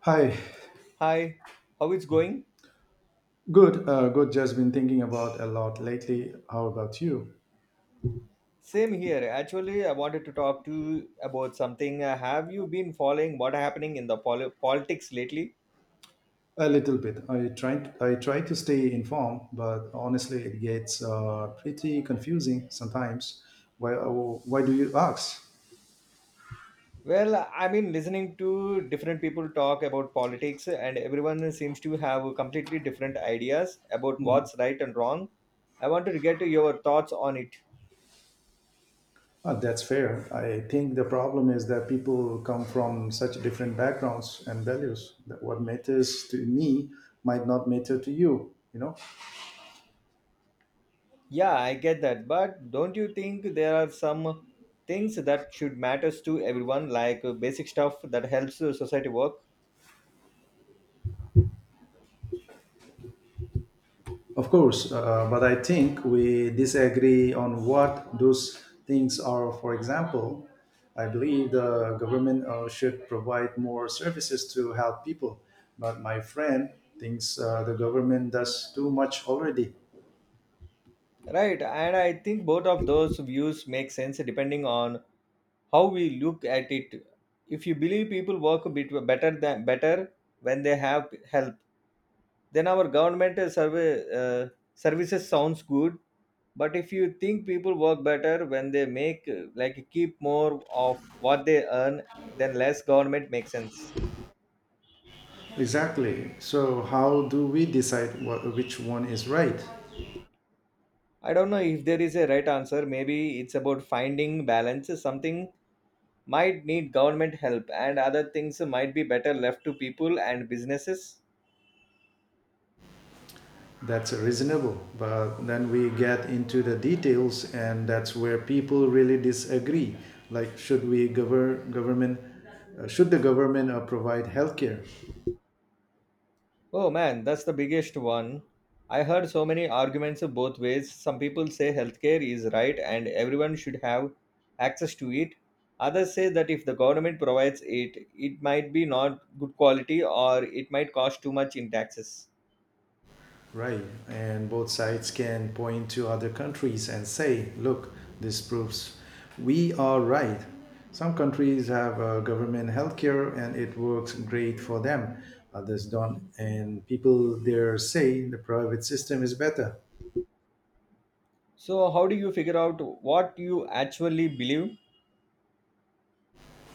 Hi, Hi, how it's going? good, good. Just been thinking about a lot lately. How about you? Same here. Actually, I wanted to talk to you about something. Have you been following what happening in the politics lately? A little bit. I try to stay informed, but honestly, it gets pretty confusing sometimes. Why, uh, why do you ask? Well, I mean, listening to different people talk about politics, and everyone seems to have completely different ideas about what's right and wrong. I wanted to get your thoughts on it. That's fair. I think the problem is that people come from such different backgrounds and values that what matters to me might not matter to you. You know. Yeah, I get that, but don't you think there are some things that should matters to everyone, like basic stuff that helps society work? Of course, but I think we disagree on what those things are. For example, I believe the government should provide more services to help people, but my friend thinks the government does too much already. Right, and I think both of those views make sense depending on how we look at it. If you believe people work a bit better than better when they have help, then our government survey services sounds good. But if you think people work better when they make like keep more of what they earn, then less government makes sense. Exactly. So, how do we decide which one is right? I don't know if there is a right answer. Maybe it's about finding balance, something might need government help and other things might be better left to people and businesses. That's reasonable. But then we get into the details, and that's where people really disagree. Like, should we govern government? Should the government provide healthcare? Oh man, that's the biggest one. I heard so many arguments both ways. Some people say healthcare is right and everyone should have access to it. Others say that if the government provides it, it might be not good quality or it might cost too much in taxes. Right, and both sides can point to other countries and say, "Look, this proves we are right." Some countries have government healthcare, and it works great for them. Others don't, and people there say the private system is better. So how do you figure out what you actually believe?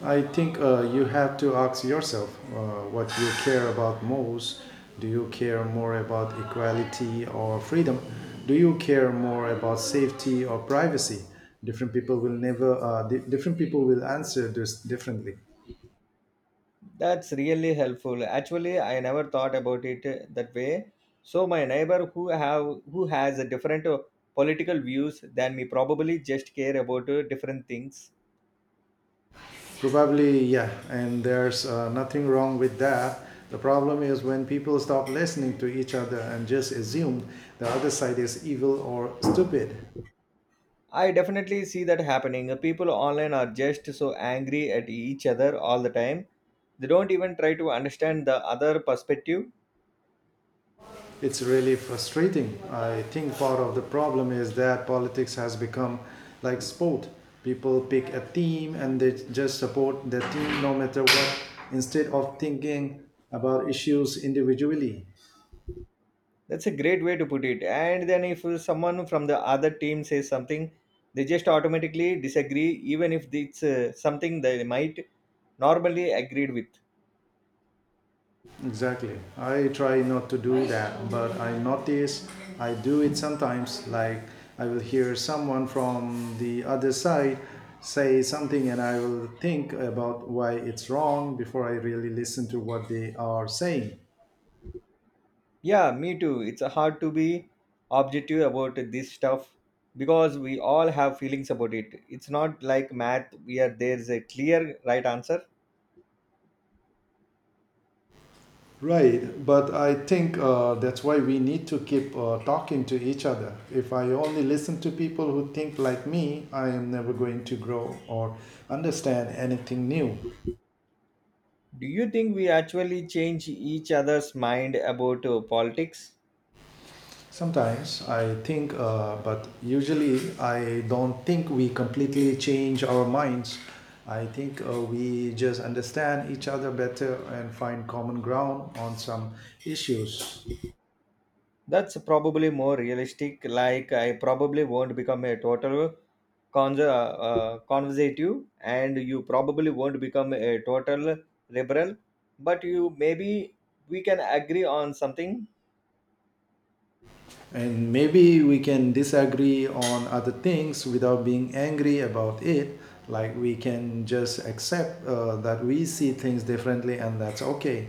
I think you have to ask yourself what you care about most. Do you care more about equality or freedom? Do you care more about safety or privacy? Different people will never. Di- Different people will answer this differently. That's really helpful. Actually, I never thought about it that way. So my neighbor who has a different political views than me probably just care about different things. Probably, yeah. And there's nothing wrong with that. The problem is when people stop listening to each other and just assume the other side is evil or stupid. I definitely see that happening. People online are just so angry at each other all the time. They don't even try to understand the other perspective. It's really frustrating. I think part of the problem is that politics has become like sport. People pick a team and they just support the team no matter what, instead of thinking about issues individually. That's a great way to put it. And then if someone from the other team says something, they just automatically disagree even if it's something they might normally agreed with. Exactly. I try not to do that, but I notice I do it sometimes. Like I will hear someone from the other side say something and I will think about why it's wrong before I really listen to what they are saying. Yeah, me too. It's hard to be objective about this stuff because we all have feelings about it. It's not like math where there's a clear right answer. Right, but I think that's why we need to keep talking to each other. If I only listen to people who think like me, I am never going to grow or understand anything new. Do you think we actually change each other's mind about politics? Sometimes I think, but usually I don't think we completely change our minds. I think we just understand each other better and find common ground on some issues. That's probably more realistic. Like, I probably won't become a total conservative, and you probably won't become a total liberal, but you maybe we can agree on something. And maybe we can disagree on other things without being angry about it. Like we can just accept that we see things differently and that's okay.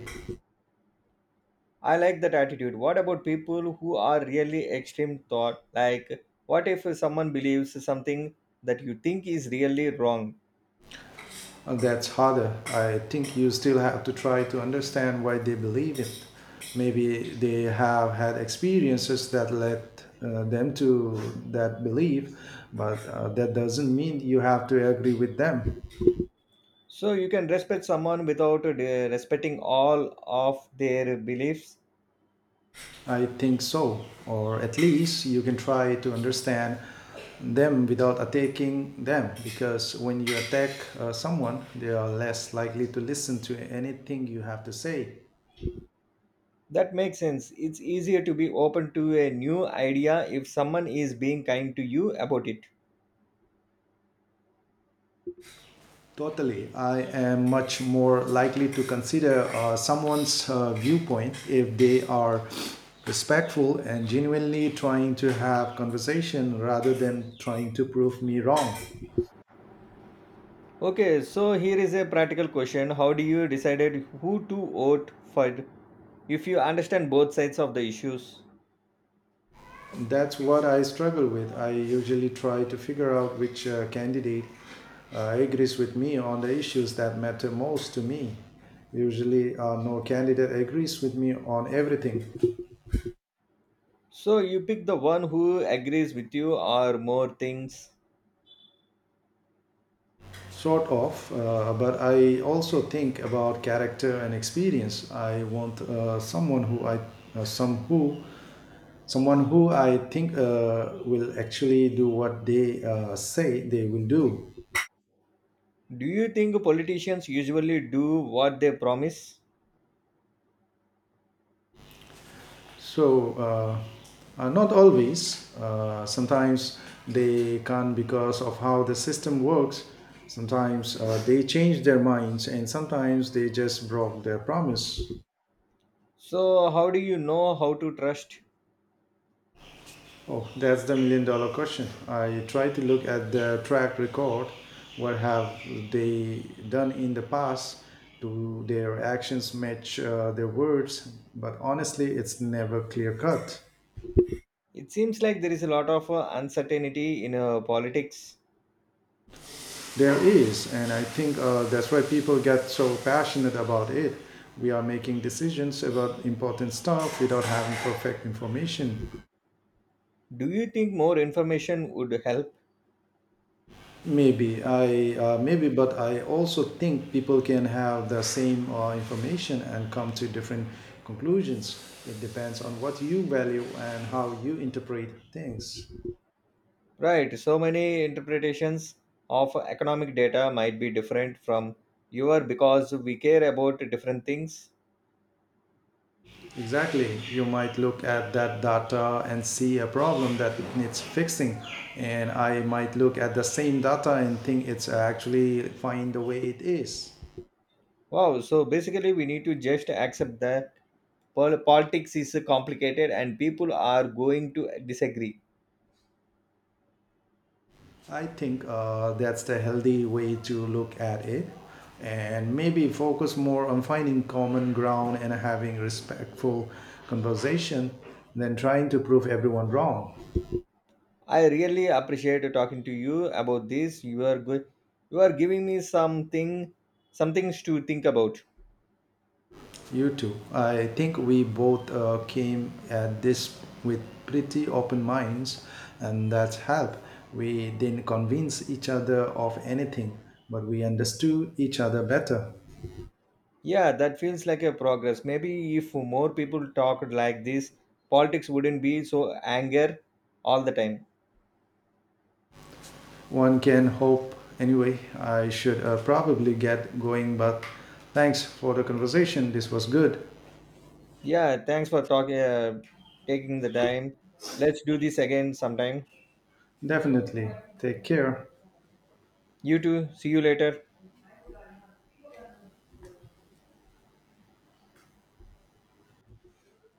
I like that attitude. What about people who are really extreme thought? Like, what if someone believes something that you think is really wrong? And that's harder. I think you still have to try to understand why they believe it. Maybe they have had experiences that led them to that belief, but that doesn't mean you have to agree with them. So you can respect someone without respecting all of their beliefs. I think so, or at least you can try to understand them without attacking them because when you attack someone, they are less likely to listen to anything you have to say. That makes sense. It's easier to be open to a new idea if someone is being kind to you about it. Totally. I am much more likely to consider someone's viewpoint if they are respectful and genuinely trying to have conversation rather than trying to prove me wrong. Okay, so here is a practical question. How do you decided who to vote for if you understand both sides of the issues? That's what I struggle with. I usually try to figure out which candidate agrees with me on the issues that matter most to me. Usually, no candidate agrees with me on everything, So you pick the one who agrees with you or more things. sort of, but I also think about character and experience. I want someone who uh, some who, someone who I think will actually do what they say they will do. Do you think politicians usually do what they promise? Not always. Sometimes they can't because of how the system works. Sometimes they change their minds, and sometimes they just broke their promise. So how do you know how to trust? Oh, that's the million dollar question. I try to look at the track record. What have they done in the past? Do their actions match their words? But honestly, it's never clear cut. It seems like there is a lot of uncertainty in politics. There is, and I think that's why people get so passionate about it. We are making decisions about important stuff without having perfect information. Do you think more information would help? Maybe, but I also think people can have the same information and come to different conclusions. It depends on what you value and how you interpret things. Right, so many interpretations of economic data might be different from your because we care about different things. Exactly. You might look at that data and see a problem that needs fixing. And I might look at the same data and think it's actually fine the way it is. Wow, so basically we need to just accept that politics is complicated and people are going to disagree. I think that's the healthy way to look at it. And maybe focus more on finding common ground and having respectful conversation than trying to prove everyone wrong. I really appreciate talking to you about this. You are good. You are giving me something, some things to think about. You too. I think we both came at this with pretty open minds, and that's helped. We didn't convince each other of anything, but we understood each other better. Yeah, that feels like a progress. Maybe if more people talked like this, politics wouldn't be so anger all the time. One can hope. Anyway, I should probably get going, but thanks for the conversation. This was good. Yeah, thanks for talking, taking the time. Let's do this again sometime. Definitely. Take care. You too. See you later.